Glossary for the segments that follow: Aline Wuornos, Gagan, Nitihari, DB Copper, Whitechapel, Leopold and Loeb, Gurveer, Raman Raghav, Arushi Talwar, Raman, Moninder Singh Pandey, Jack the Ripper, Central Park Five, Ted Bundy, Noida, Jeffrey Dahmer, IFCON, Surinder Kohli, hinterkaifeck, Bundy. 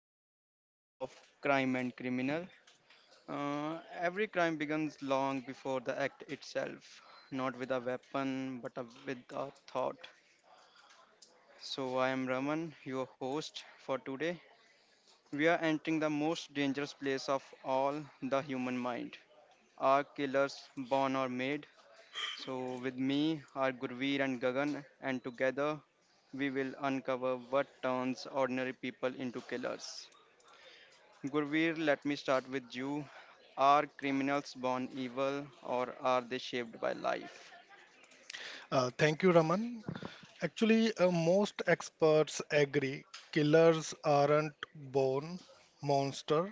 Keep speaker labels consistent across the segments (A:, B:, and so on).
A: we have a topic of crime and criminal. Uh, every crime begins long before the act itself, not with a weapon but with a thought. So I am Raman, your host for today. We are entering the most dangerous place of all, the human mind. Are killers born or made? So with me are Gurveer and Gagan, and together we will uncover what turns ordinary people into killers. Gurveer, let me start with you. Are criminals born evil or are they shaped by life?
B: Thank you, Raman. Actually, most experts agree killers aren't born monsters.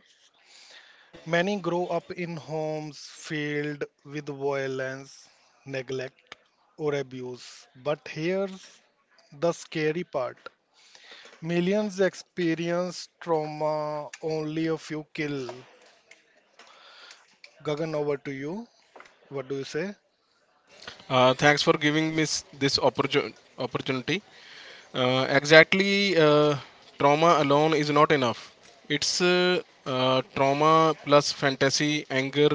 B: Many grow up in homes filled with violence, neglect, or abuse. But here's the scary part, millions experience trauma, only a few kill. Gagan, over to you. What do you say?
C: Thanks for giving me this opportunity. Exactly, trauma alone is not enough. It's trauma plus fantasy, anger,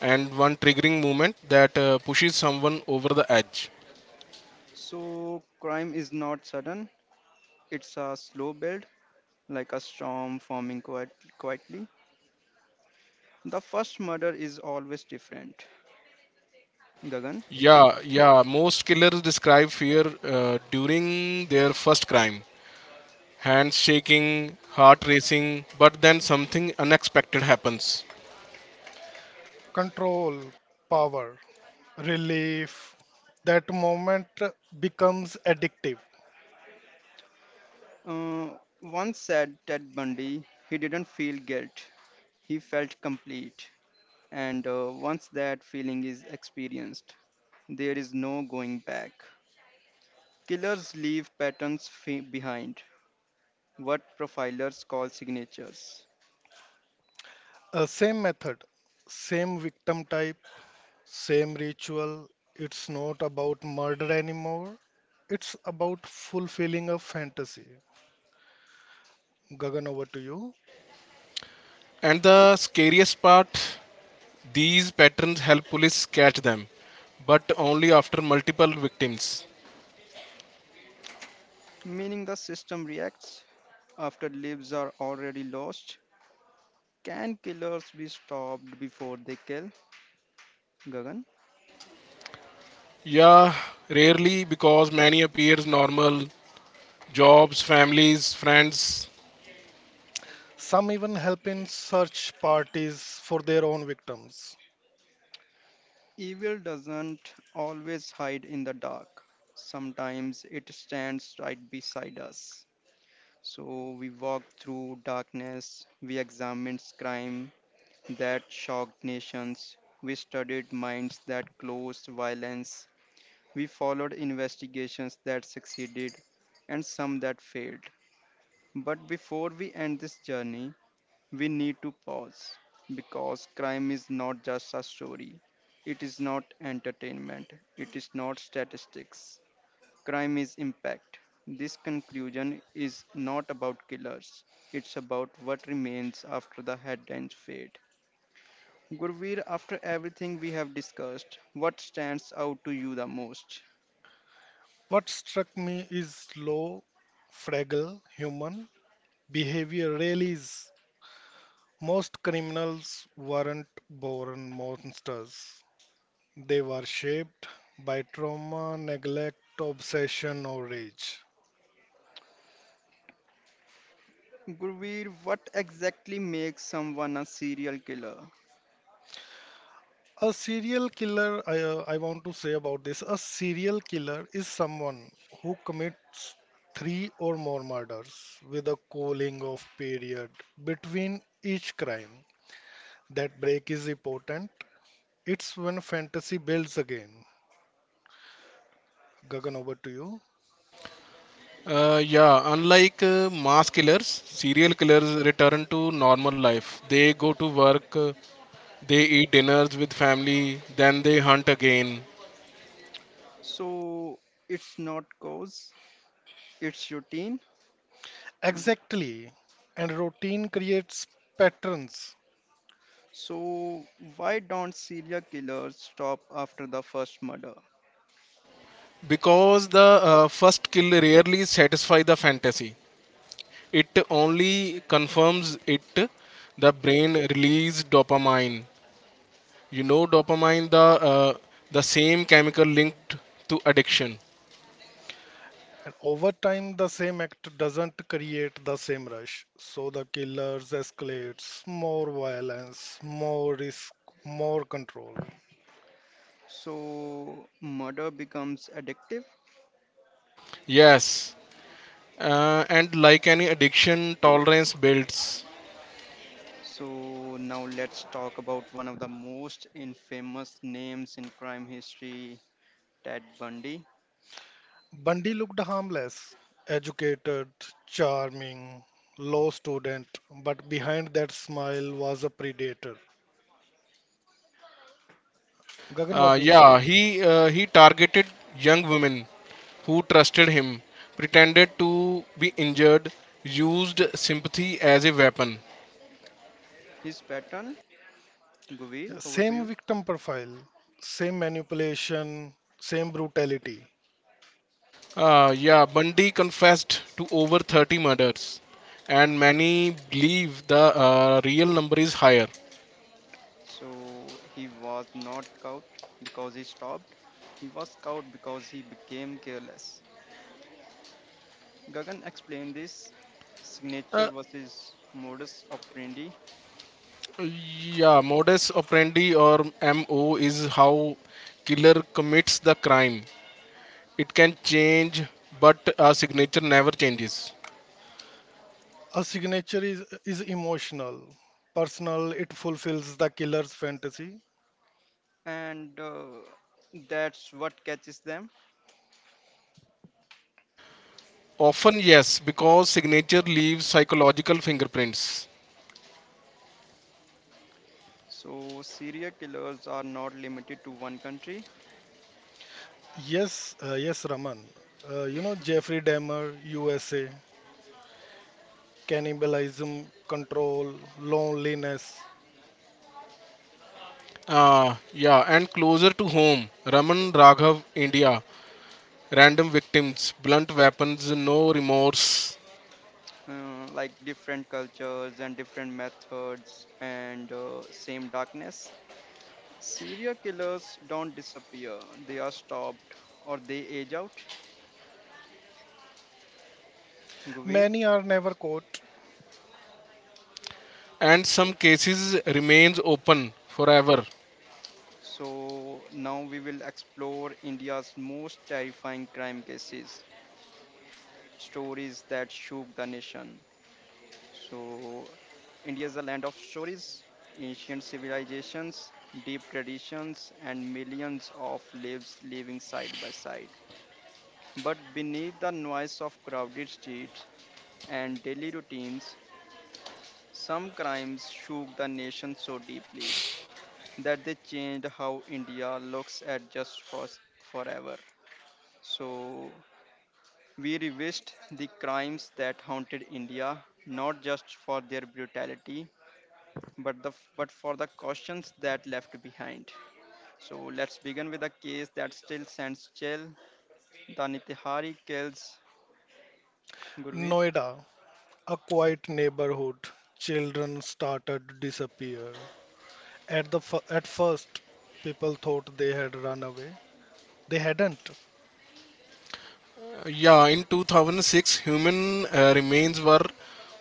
C: and one triggering moment that pushes someone over the edge.
A: So, crime is not sudden, it's a slow build, like a storm forming quietly. The first murder is always different. Gagan
C: Yeah, yeah. Most killers describe fear during their first crime. Hands shaking, heart racing, but then something unexpected happens.
B: Control, power, relief. That moment becomes addictive.
A: uh, once said Ted Bundy, he didn't feel guilt, he felt complete. And once that feeling is experienced, there is no going back. Killers leave patterns behind what profilers call signatures,
B: Same method, same victim type, same ritual. It's not about murder anymore. It's about fulfilling a fantasy. Gagan, over to you.
C: And the scariest part, these patterns help police catch them, but only after multiple victims.
A: meaning the system reacts after lives are already lost. Can killers be stopped before they kill? Gagan.
C: Yeah, rarely because many appears normal, jobs, families, friends.
B: Some even help in search parties for their own victims.
A: Evil doesn't always hide in the dark, sometimes it stands right beside us. So we walk through darkness, we examined crime that shocked nations, we studied minds that closed violence, we followed investigations that succeeded, and some that failed. But before we end this journey, we need to pause because crime is not just a story. It is not entertainment. It is not statistics. Crime is impact. This conclusion is not about killers. It's about what remains after the headlines fade. Gurveer, after everything we have discussed, what stands out to you the most?
B: What struck me is low, fragile human behavior really is. Most criminals weren't born monsters. They were shaped by trauma, neglect, obsession, or rage.
A: Gurveer, what exactly makes someone a serial killer?
B: A serial killer, I want to say about this, a serial killer is someone who commits three or more murders with a cooling off period between each crime. That break is important. It's when fantasy builds again. Gagan, over to you.
C: Yeah, unlike mass killers, serial killers return to normal life. They go to work, they eat dinners with family, then they hunt again.
A: So it's not cause, it's routine.
B: Exactly. And routine creates patterns.
A: So why don't serial killers stop after the first murder?
C: Because the first kill rarely satisfy the fantasy. It only confirms it. The brain release dopamine, you know, dopamine, uh, the same chemical linked to addiction.
B: And over time, the same act doesn't create the same rush. So the killers escalates, more violence, more risk, more control.
A: So murder becomes addictive.
C: Yes, and like any addiction tolerance builds.
A: So now let's talk about one of the most infamous names in crime history, Ted Bundy.
B: Bundy looked harmless, educated, charming, low student, but behind that smile was a predator. Gagan, what do you say?
C: Yeah, he targeted young women who trusted him, pretended to be injured, used sympathy as a weapon.
A: His pattern, Guvi,
B: Yeah,
A: over to
B: same
A: you.
B: victim profile, same manipulation, same brutality.
C: Yeah, Bundy confessed to over 30 murders, and many believe the real number is higher.
A: So he was not caught because he stopped. He was caught because he became careless. Gagan explained this signature
C: Uh,
A: versus modus operandi,
C: yeah, modus operandi or MO is how killer commits the crime. It can change, but a signature never changes.
B: A signature is emotional, personal, it fulfills the killer's fantasy.
A: and that's what catches them.
C: Often, yes, because signature leaves psychological fingerprints.
A: So, serial killers are not limited to one country,
B: Yes, yes, Raman. Jeffrey Dahmer, USA, cannibalism, control, loneliness.
C: Yeah, and closer to home, Raman Raghav, India. Random victims, blunt weapons, no remorse.
A: like different cultures and different methods and same darkness. Serial killers don't disappear, they are stopped or they age out. Guveer?
B: Many are never caught.
C: And some cases remains open forever.
A: So now we will explore India's most terrifying crime cases, stories that shook the nation. So India is a land of stories, ancient civilizations, deep traditions, and millions of lives living side by side. But beneath the noise of crowded streets and daily routines, some crimes shook the nation so deeply that they changed how India looks at just for forever. So we revised the crimes that haunted India, not just for their brutality, but for the cautions that left behind. So let's begin with a case that still sends chill. The Nitihari kills Gurveer.
B: Noida, a quiet neighborhood. Children started to disappear. At first, people thought they had run away. They hadn't.
C: Yeah, in 2006, human remains were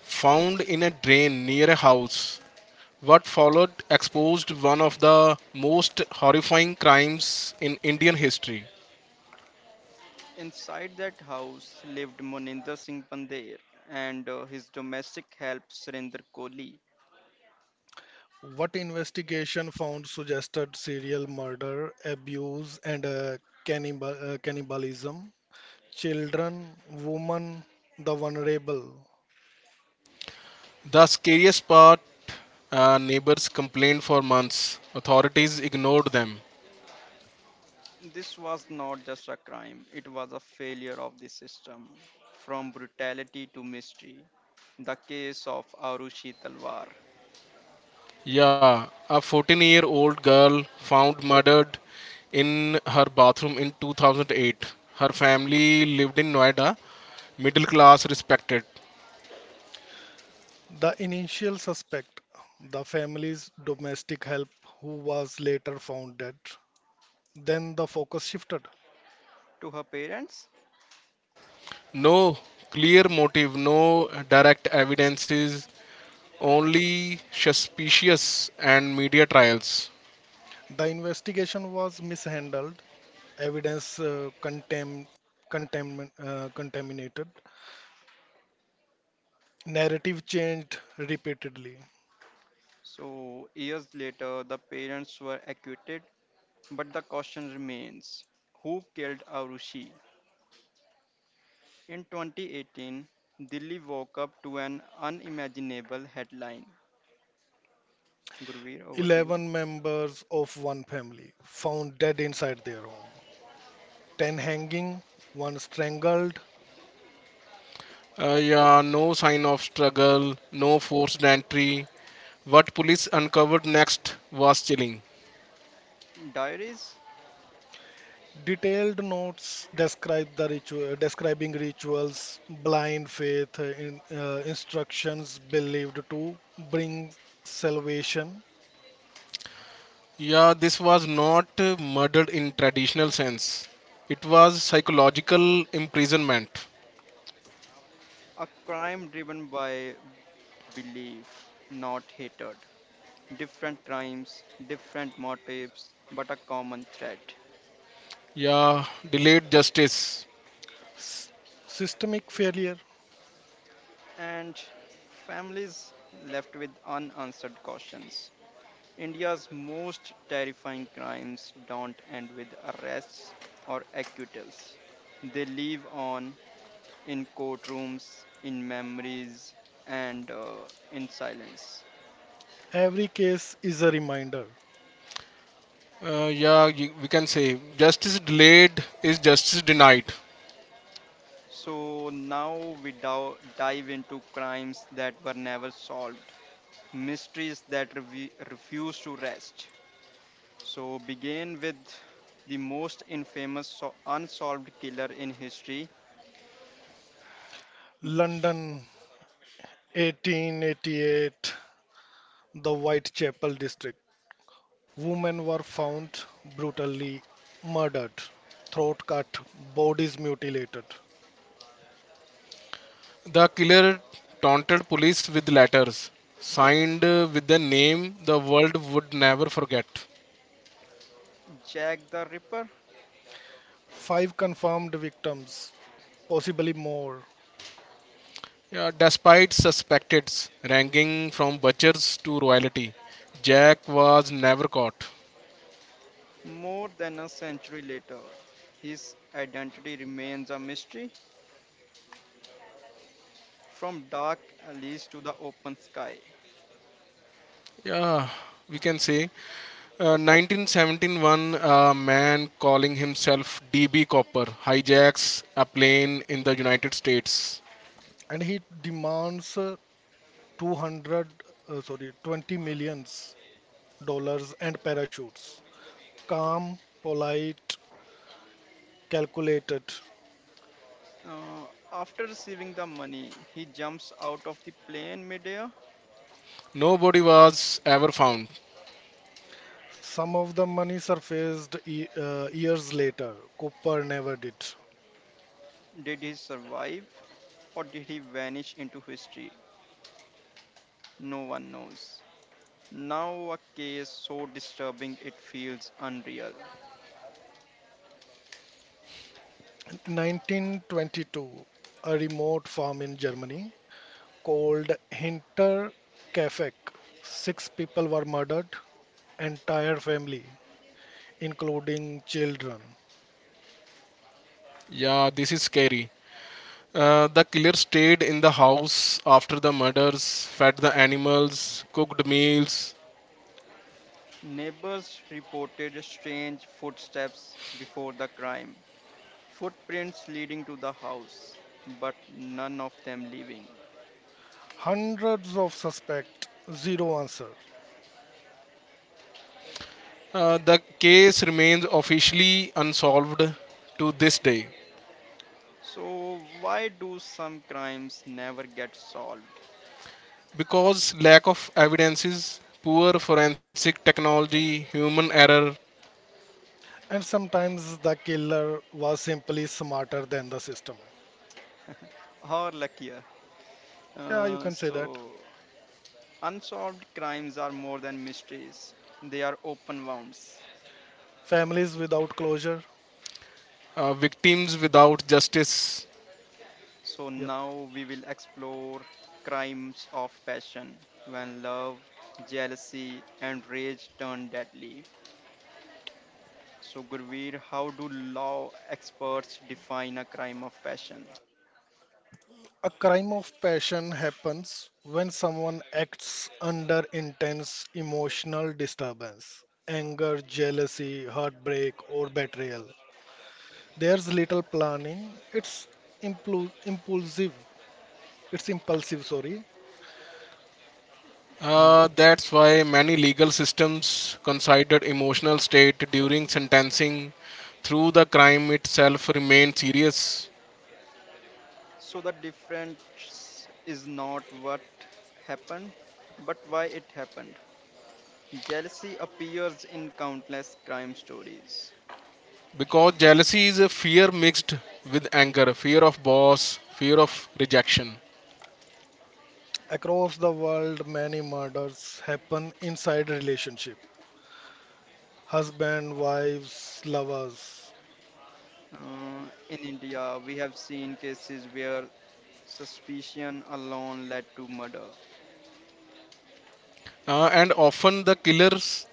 C: found in a drain near a house. What followed exposed one of the most horrifying crimes in Indian history.
A: Inside that house lived Moninder Singh Pandey and his domestic help Surinder Kohli.
B: What investigation found suggested serial murder, abuse, and cannibalism. Children, women, the vulnerable,
C: The scariest part, neighbors complained for months. Authorities ignored them.
A: This was not just a crime, it was a failure of the system. From brutality to mystery, the case of Arushi Talwar
C: Yeah, a 14-year-old girl found murdered in her bathroom in 2008. Her family lived in Noida, middle class, respected.
B: the initial suspect, the family's domestic help who was later found dead. Then the focus shifted.
A: to her parents.
C: No clear motive, no direct evidences, only suspicious and media trials.
B: The investigation was mishandled, evidence contaminated, narrative changed repeatedly.
A: So, years later, the parents were acquitted, but the question remains who killed Arushi? In 2018, Delhi woke up to an unimaginable headline. Gurveer, over to you.
B: 11 members of one family found dead inside their home, 10 hanging, one strangled.
C: Yeah, no sign of struggle, no forced entry. What police uncovered next was chilling.
A: Diaries,
B: Detailed notes describe the ritual, describing rituals, blind faith, in, instructions believed to bring salvation.
C: Yeah, this was not murder in traditional sense. It was psychological imprisonment.
A: a crime driven by belief, not hatred. Different crimes, different motives, but a common threat.
C: Yeah, delayed justice.
B: S- systemic failure.
A: And families left with unanswered questions. India's most terrifying crimes don't end with arrests or acquittals. They live on in courtrooms, in memories, and in silence.
B: Every case is a reminder.
C: Yeah, we can say justice delayed is justice denied.
A: So now we dive into crimes that were never solved, mysteries that refuse to rest. So, begin with the most infamous unsolved killer in history,
B: London, 1888, the Whitechapel district. Women were found brutally murdered, throat cut, bodies mutilated.
C: The killer taunted police with letters signed with the name the world would never forget.
A: Jack the Ripper.
B: Five confirmed victims, possibly more.
C: Yeah, despite suspects ranking from butchers to royalty, Jack was never caught.
A: More than a century later, his identity remains a mystery from dark alleys to the open sky.
C: Yeah, we can say, 1971, a man calling himself DB Copper hijacks a plane in the United States.
B: And he demands uh, 200 uh, sorry 20 millions dollars and parachutes, calm, polite, calculated.
A: Uh, after receiving the money, he jumps out of the plane midair.
C: Nobody was ever found.
B: Some of the money surfaced years later, Cooper never did.
A: Did he survive or did he vanish into history? No one knows. Now, a case so disturbing it feels unreal.
B: In 1922, a remote farm in Germany called Hinterkaifeck, six people were murdered, entire family including children.
C: Yeah, this is scary. The killer stayed in the house after the murders, fed the animals, cooked meals.
A: Neighbors reported strange footsteps before the crime, footprints leading to the house, but none of them leaving.
B: Hundreds of suspect, zero answer.
C: The case remains officially unsolved to this day
A: So, why do some crimes never get solved?
C: because lack of evidences, poor forensic technology, human error,
B: And sometimes the killer was simply smarter than the system.
A: Or luckier?
B: Yeah, you
A: Uh,
B: can say that.
A: so, unsolved crimes are more than mysteries, they are open wounds.
B: Families without closure.
C: victims without justice.
A: So,
B: Yep.
A: now we will explore crimes of passion when love, jealousy, and rage turn deadly. So, Gurveer, how do law experts define a crime of passion?
B: A crime of passion happens when someone acts under intense emotional disturbance, anger, jealousy, heartbreak, or betrayal. There's little planning. Impulsive. It's impulsive, sorry. Mm.
C: That's why many legal systems consider emotional state during sentencing through the crime itself remain serious
A: So, the difference is not what happened, but why it happened. Jealousy appears in countless crime stories.
C: because jealousy is a fear mixed with anger, fear of boss, fear of rejection.
B: Across the world, many murders happen inside relationship. Husband, wives, lovers.
A: In India, we have seen cases where suspicion alone led to murder.
C: And often the killers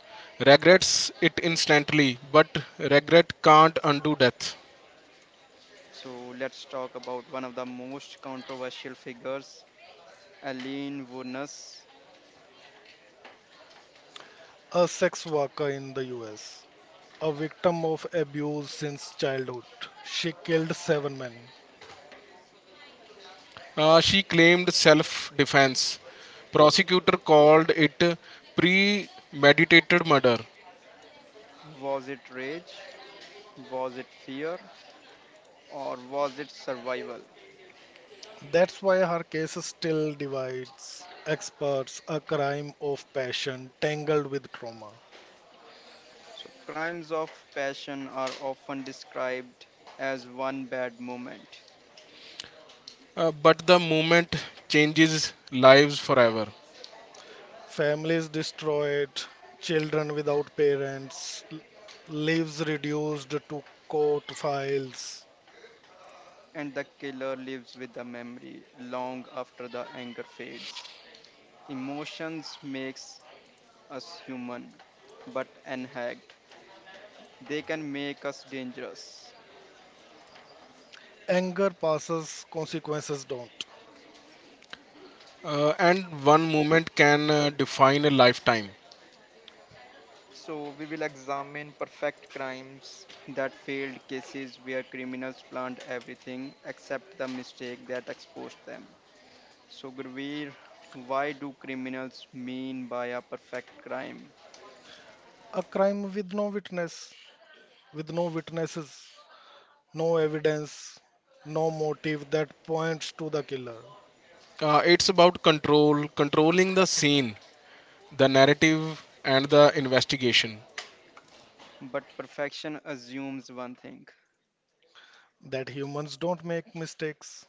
C: regrets it instantly, but regret can't undo death.
A: So, let's talk about one of the most controversial figures, Aline Wuornos.
B: A sex worker in the US, a victim of abuse since childhood. She killed seven men.
C: She claimed self defense. Prosecutor called it premeditated murder.
A: Was it rage? Was it fear? Or was it survival?
B: That's why her case still divides experts, a crime of passion tangled with trauma.
A: So, crimes of passion are often described as one bad moment,
C: But the movement changes lives forever.
B: Families destroyed, children without parents, lives reduced to court files.
A: and the killer lives with the memory long after the anger fades. Emotions makes us human, but unhacked, they can make us dangerous.
B: Anger passes, consequences don't.
C: And one moment can define a lifetime.
A: So, we will examine perfect crimes that failed cases where criminals planned everything except the mistake that exposed them. So, Gurveer, why do criminals mean by a perfect crime?
B: A crime with no witness, with no witnesses, no evidence, no motive that points to the killer.
C: It's about control, controlling the scene, the narrative, and the investigation.
A: But perfection assumes one thing.
B: That humans don't make mistakes.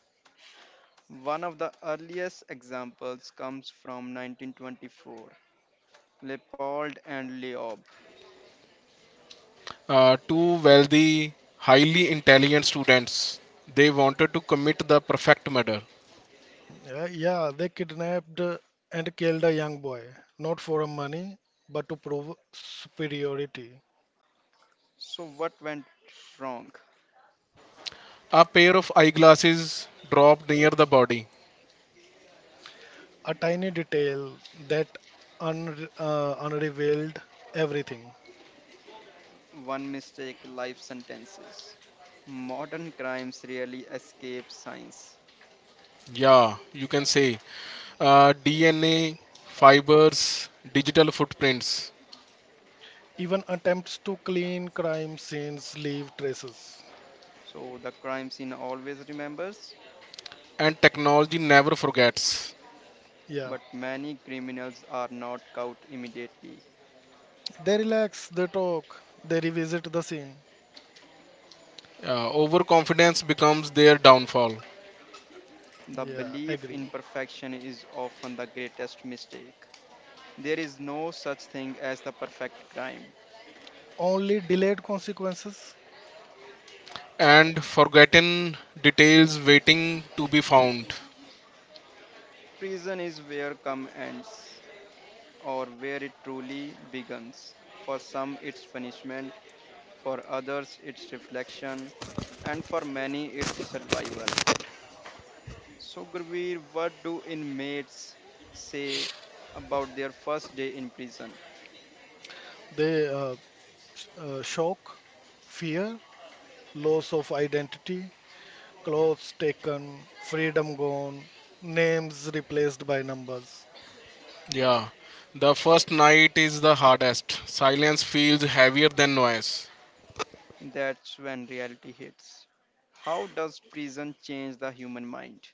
A: One of the earliest examples comes from 1924, Leopold and Leob.
C: Two wealthy, highly intelligent students, they wanted to commit the perfect murder.
B: Yeah, they kidnapped and killed a young boy, not for money, but to prove superiority.
A: So, what went wrong?
C: A pair of eyeglasses dropped near the body.
B: A tiny detail that unrevealed everything.
A: One mistake, life sentences. Modern crimes rarely escape science.
C: Yeah, you can say, DNA, fibers, digital footprints,
B: Even attempts to clean crime scenes leave traces.
A: So, the crime scene always remembers,
C: and technology never forgets.
B: Yeah.
A: but many criminals are not caught immediately.
B: They relax, they talk, they revisit the scene.
C: Overconfidence becomes their downfall,
A: The
B: Yeah,
A: belief in
B: agree.
A: perfection is often the greatest mistake. There is no such thing as the perfect crime.
B: Only delayed consequences.
C: and forgotten details waiting to be found.
A: Prison is where come ends, or where it truly begins. For some, it's punishment, for others, it's reflection, and for many, it's survival. So, Gurveer, what do inmates say about their first day in prison?
B: They shock, fear, loss of identity, clothes taken, freedom gone, names replaced by numbers.
C: Yeah, the first night is the hardest. Silence feels heavier than noise.
A: That's when reality hits. How does prison change the human mind?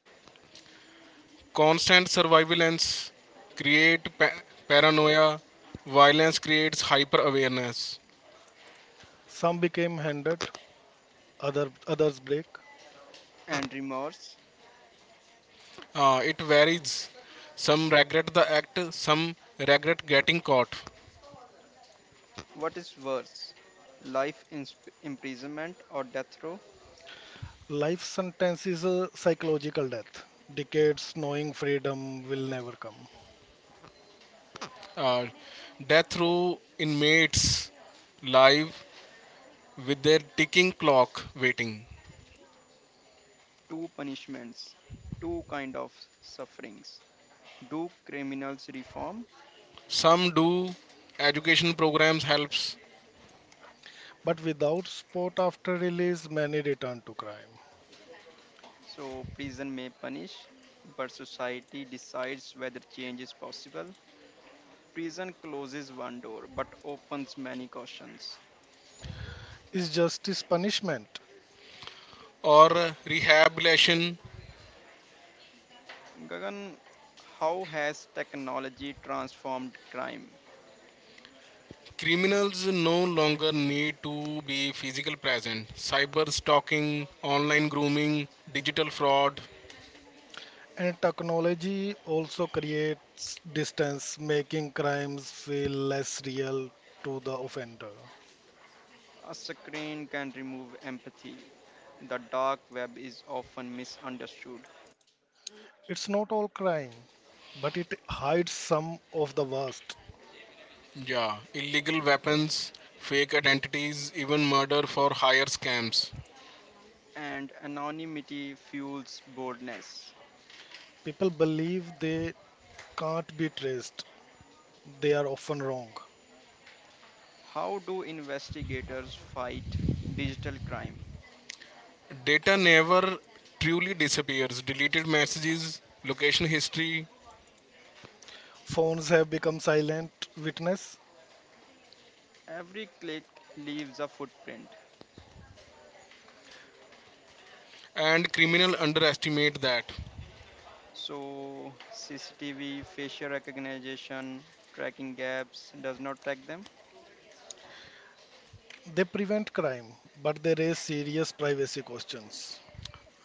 C: Constant surveillance creates paranoia. Violence creates hyper awareness.
B: Some became handed, other others break.
A: And remorse.
C: It varies. Some regret the act, some regret getting caught.
A: What is worse, life in imprisonment or death row?
B: Life sentence is a psychological death. Decades knowing freedom will never come.
C: Uh, Death row inmates live with their ticking clock waiting.
A: Two punishments, two kind of sufferings. Do criminals reform?
C: Some do, education programs helps
B: But without sport after release, many return to crime.
A: So prison may punish, but society decides whether change is possible. Prison closes one door but opens many cautions.
B: Is justice punishment?
C: or rehabilitation.
A: Gagan, how has technology transformed crime?
C: Criminals no longer need to be physical present. Cyber stalking, online grooming, digital fraud.
B: And technology also creates distance, making crimes feel less real to the offender.
A: A screen can remove empathy. The dark web is often misunderstood,
B: It's not all crime, but it hides some of the worst.
C: Yeah, illegal weapons, fake identities, even murder for hire scams.
A: and anonymity fuels boldness.
B: People believe they can't be traced, they are often wrong.
A: How do investigators fight digital crime?
C: Data never truly disappears. Deleted messages, location history,
B: Phones have become silent witness.
A: Every click leaves a footprint.
C: and criminal underestimate that.
A: So, CCTV, facial recognition, tracking gaps does not track them,
B: They prevent crime, but they raise serious privacy questions.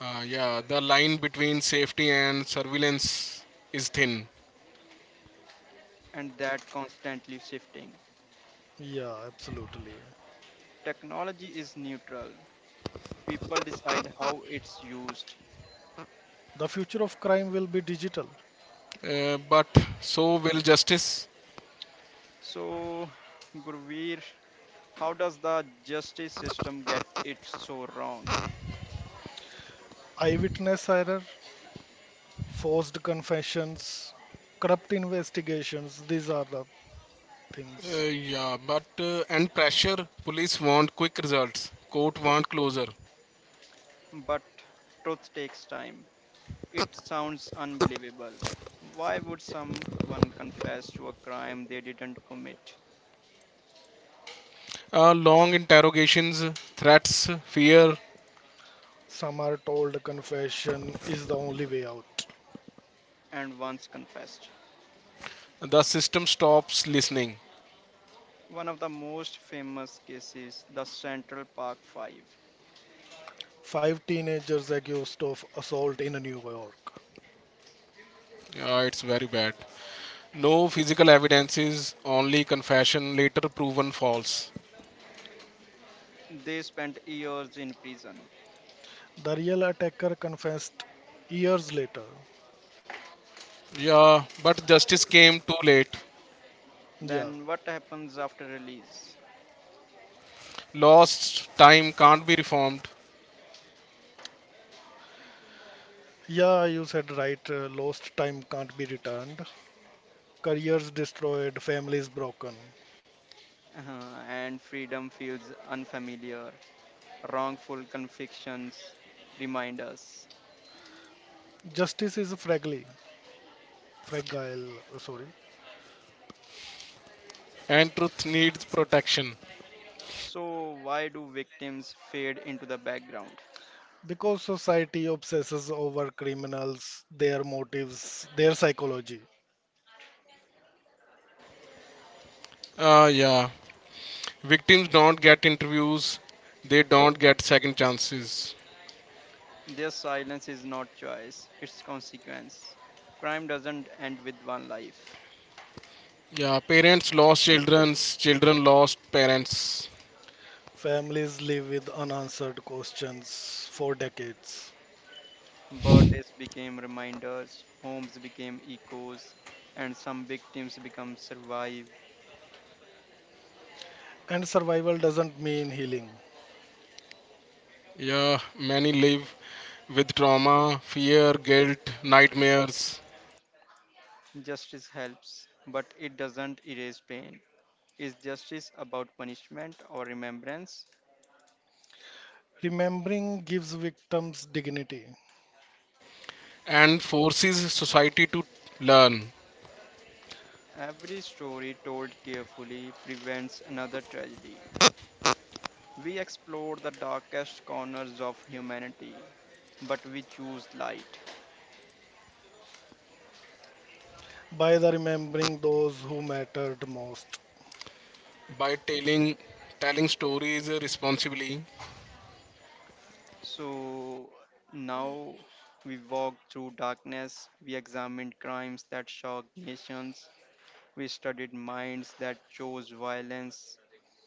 C: Yeah, the line between safety and surveillance is thin.
A: and that constantly shifting.
B: Yeah, absolutely.
A: Technology is neutral, people decide how it's used.
B: The future of crime will be digital.
C: But so will justice.
A: So, Gurveer, how does the justice system get it so wrong?
B: Eyewitness error, forced confessions, corrupt investigations. These are the
C: Uh,
B: things.
C: yeah, but and pressure. Police want quick results. Court want closure.
A: But truth takes time. It sounds unbelievable. Why would someone confess to a crime they didn't commit
C: Long interrogations, threats, fear,
B: Some are told confession is the only way out.
A: and once confessed?
C: the system stops listening.
A: One of the most famous cases, the Central Park Five.
B: Five teenagers accused of assault in New York.
C: Yeah, it's very bad. No physical evidences, only confession later proven false.
A: They spent years in prison.
B: The real attacker confessed years later.
C: Yeah, but justice came too late.
B: Yeah.
A: Then, what happens after release?
C: Lost time can't be reformed,
B: Yeah, you said right. Lost time can't be returned. Careers destroyed, families broken.
A: Uh, and freedom feels unfamiliar. Wrongful convictions remind us.
B: Justice is fragile. Fragile, sorry.
C: and truth needs protection.
A: So, why do victims fade into the background?
B: Because society obsesses over criminals, their motives, their psychology.
C: Yeah, victims don't get interviews, they don't get second chances.
A: Their silence is not choice, it's consequence. Crime doesn't end with one life.
C: Yeah, parents lost children, children lost parents.
B: Families live with unanswered questions for decades.
A: Birthdays became reminders, homes became echoes, and some victims become survive.
B: And survival doesn't mean healing.
C: Yeah, many live with trauma, fear, guilt, nightmares.
A: Justice helps, but it doesn't erase pain. Is justice about punishment or remembrance?
B: Remembering gives victims dignity
C: And forces society to learn
A: Every story told carefully prevents another tragedy. We explore the darkest corners of humanity, but we choose light.
B: by the remembering those who mattered most.
C: by telling stories responsibly.
A: So now we walk through darkness, we examined crimes that shocked nations, we studied minds that chose violence,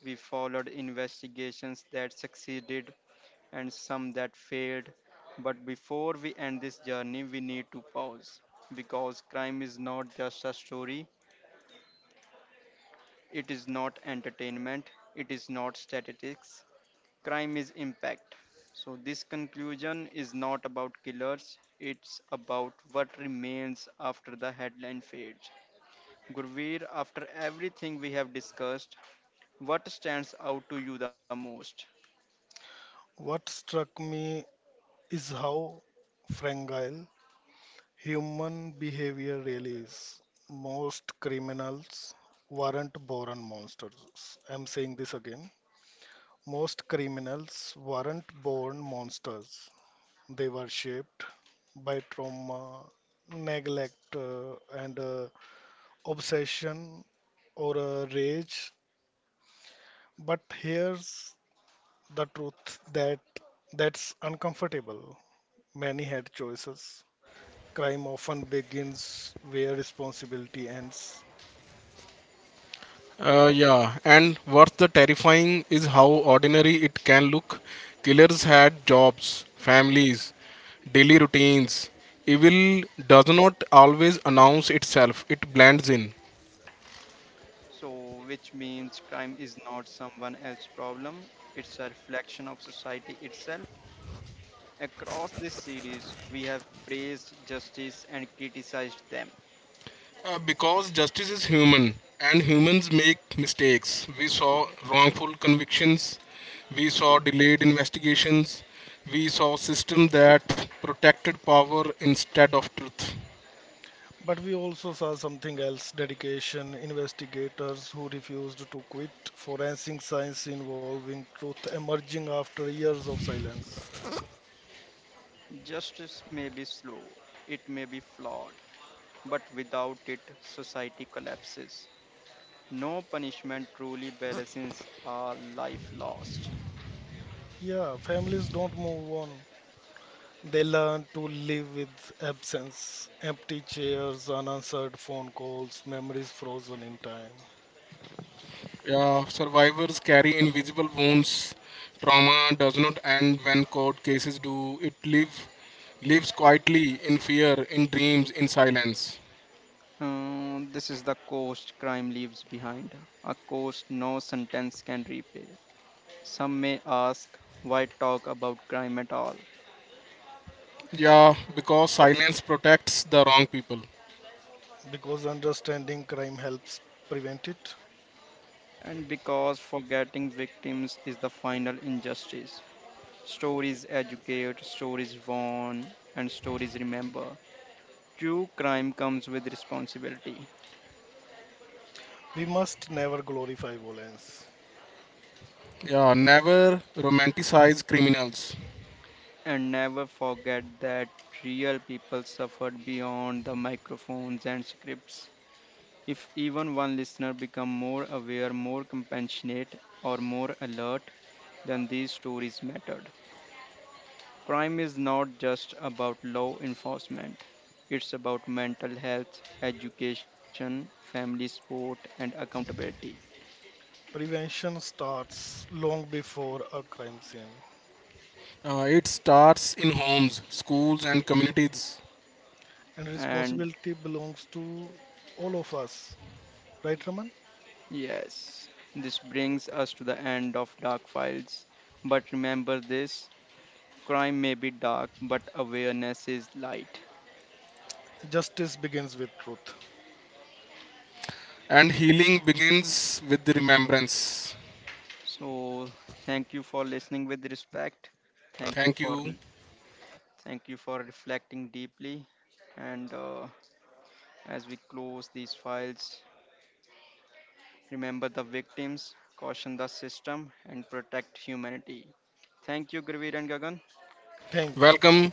A: we followed investigations that succeeded and some that failed. But before we end this journey, we need to pause because crime is not just a story. It is not entertainment, it is not statistics. Crime is impact. So, this conclusion is not about killers, it's about what remains after the headline fades. Gurveer, after everything we have discussed, what stands out to you the most?
B: What struck me is how fragile human behavior really is. Most criminals weren't born monsters. I'm saying this again. Most criminals weren't born monsters. They were shaped by trauma, neglect, and obsession or rage. But here's the truth that's uncomfortable. Many had choices. Crime often begins where responsibility ends.
C: Yeah, and what's the terrifying is how ordinary it can look. Killers had jobs, families, daily routines. Evil does not always announce itself, it blends in.
A: So, which means crime is not someone else's problem, it's a reflection of society itself. Across this series, we have praised justice and criticized them.
C: Because justice is human and humans make mistakes. We saw wrongful convictions, we saw delayed investigations, we saw system that protected power instead of truth.
B: But we also saw something else, dedication, investigators who refused to quit, forensic science involving truth emerging after years of silence.
A: Justice may be slow, it may be flawed, but without it, society collapses. No punishment truly balances a life lost.
B: Yeah, families don't move on. They learn to live with absence, empty chairs, unanswered phone calls, memories frozen in time.
C: Yeah, survivors carry invisible wounds. Trauma does not end when court cases do. Lives quietly in fear, in dreams, in silence.
A: This is the cost crime leaves behind, a cost no sentence can repay. Some may ask, why talk about crime at all?
C: Yeah, because silence protects the wrong people.
B: Because understanding crime helps prevent it,
A: And because forgetting victims is the final injustice. Stories educate, stories warn, and stories remember. True crime comes with responsibility.
B: we must never glorify violence.
C: Yeah, never romanticize criminals.
A: And never forget that real people suffered beyond the microphones and scripts. If even one listener become more aware, more compassionate, or more alert, then these stories mattered. Crime is not just about law enforcement. It's about mental health, education, family support, and accountability.
B: Prevention starts long before a crime scene.
C: It starts in homes, schools, and communities,
B: And
A: And
B: responsibility belongs to all of us. Right, Raman?
A: yes, this brings us to the end of Dark Files. But remember this crime may be dark, but awareness is light.
B: Justice begins with truth.
C: and healing begins with the remembrance.
A: So, thank you for listening with respect. Thank you
C: Thank
A: for
C: you.
A: thank you for reflecting deeply. And as we close these files, remember the victims, caution the system, and protect humanity. Thank you, Gravir and Gagan.
B: Thank you.
C: Welcome.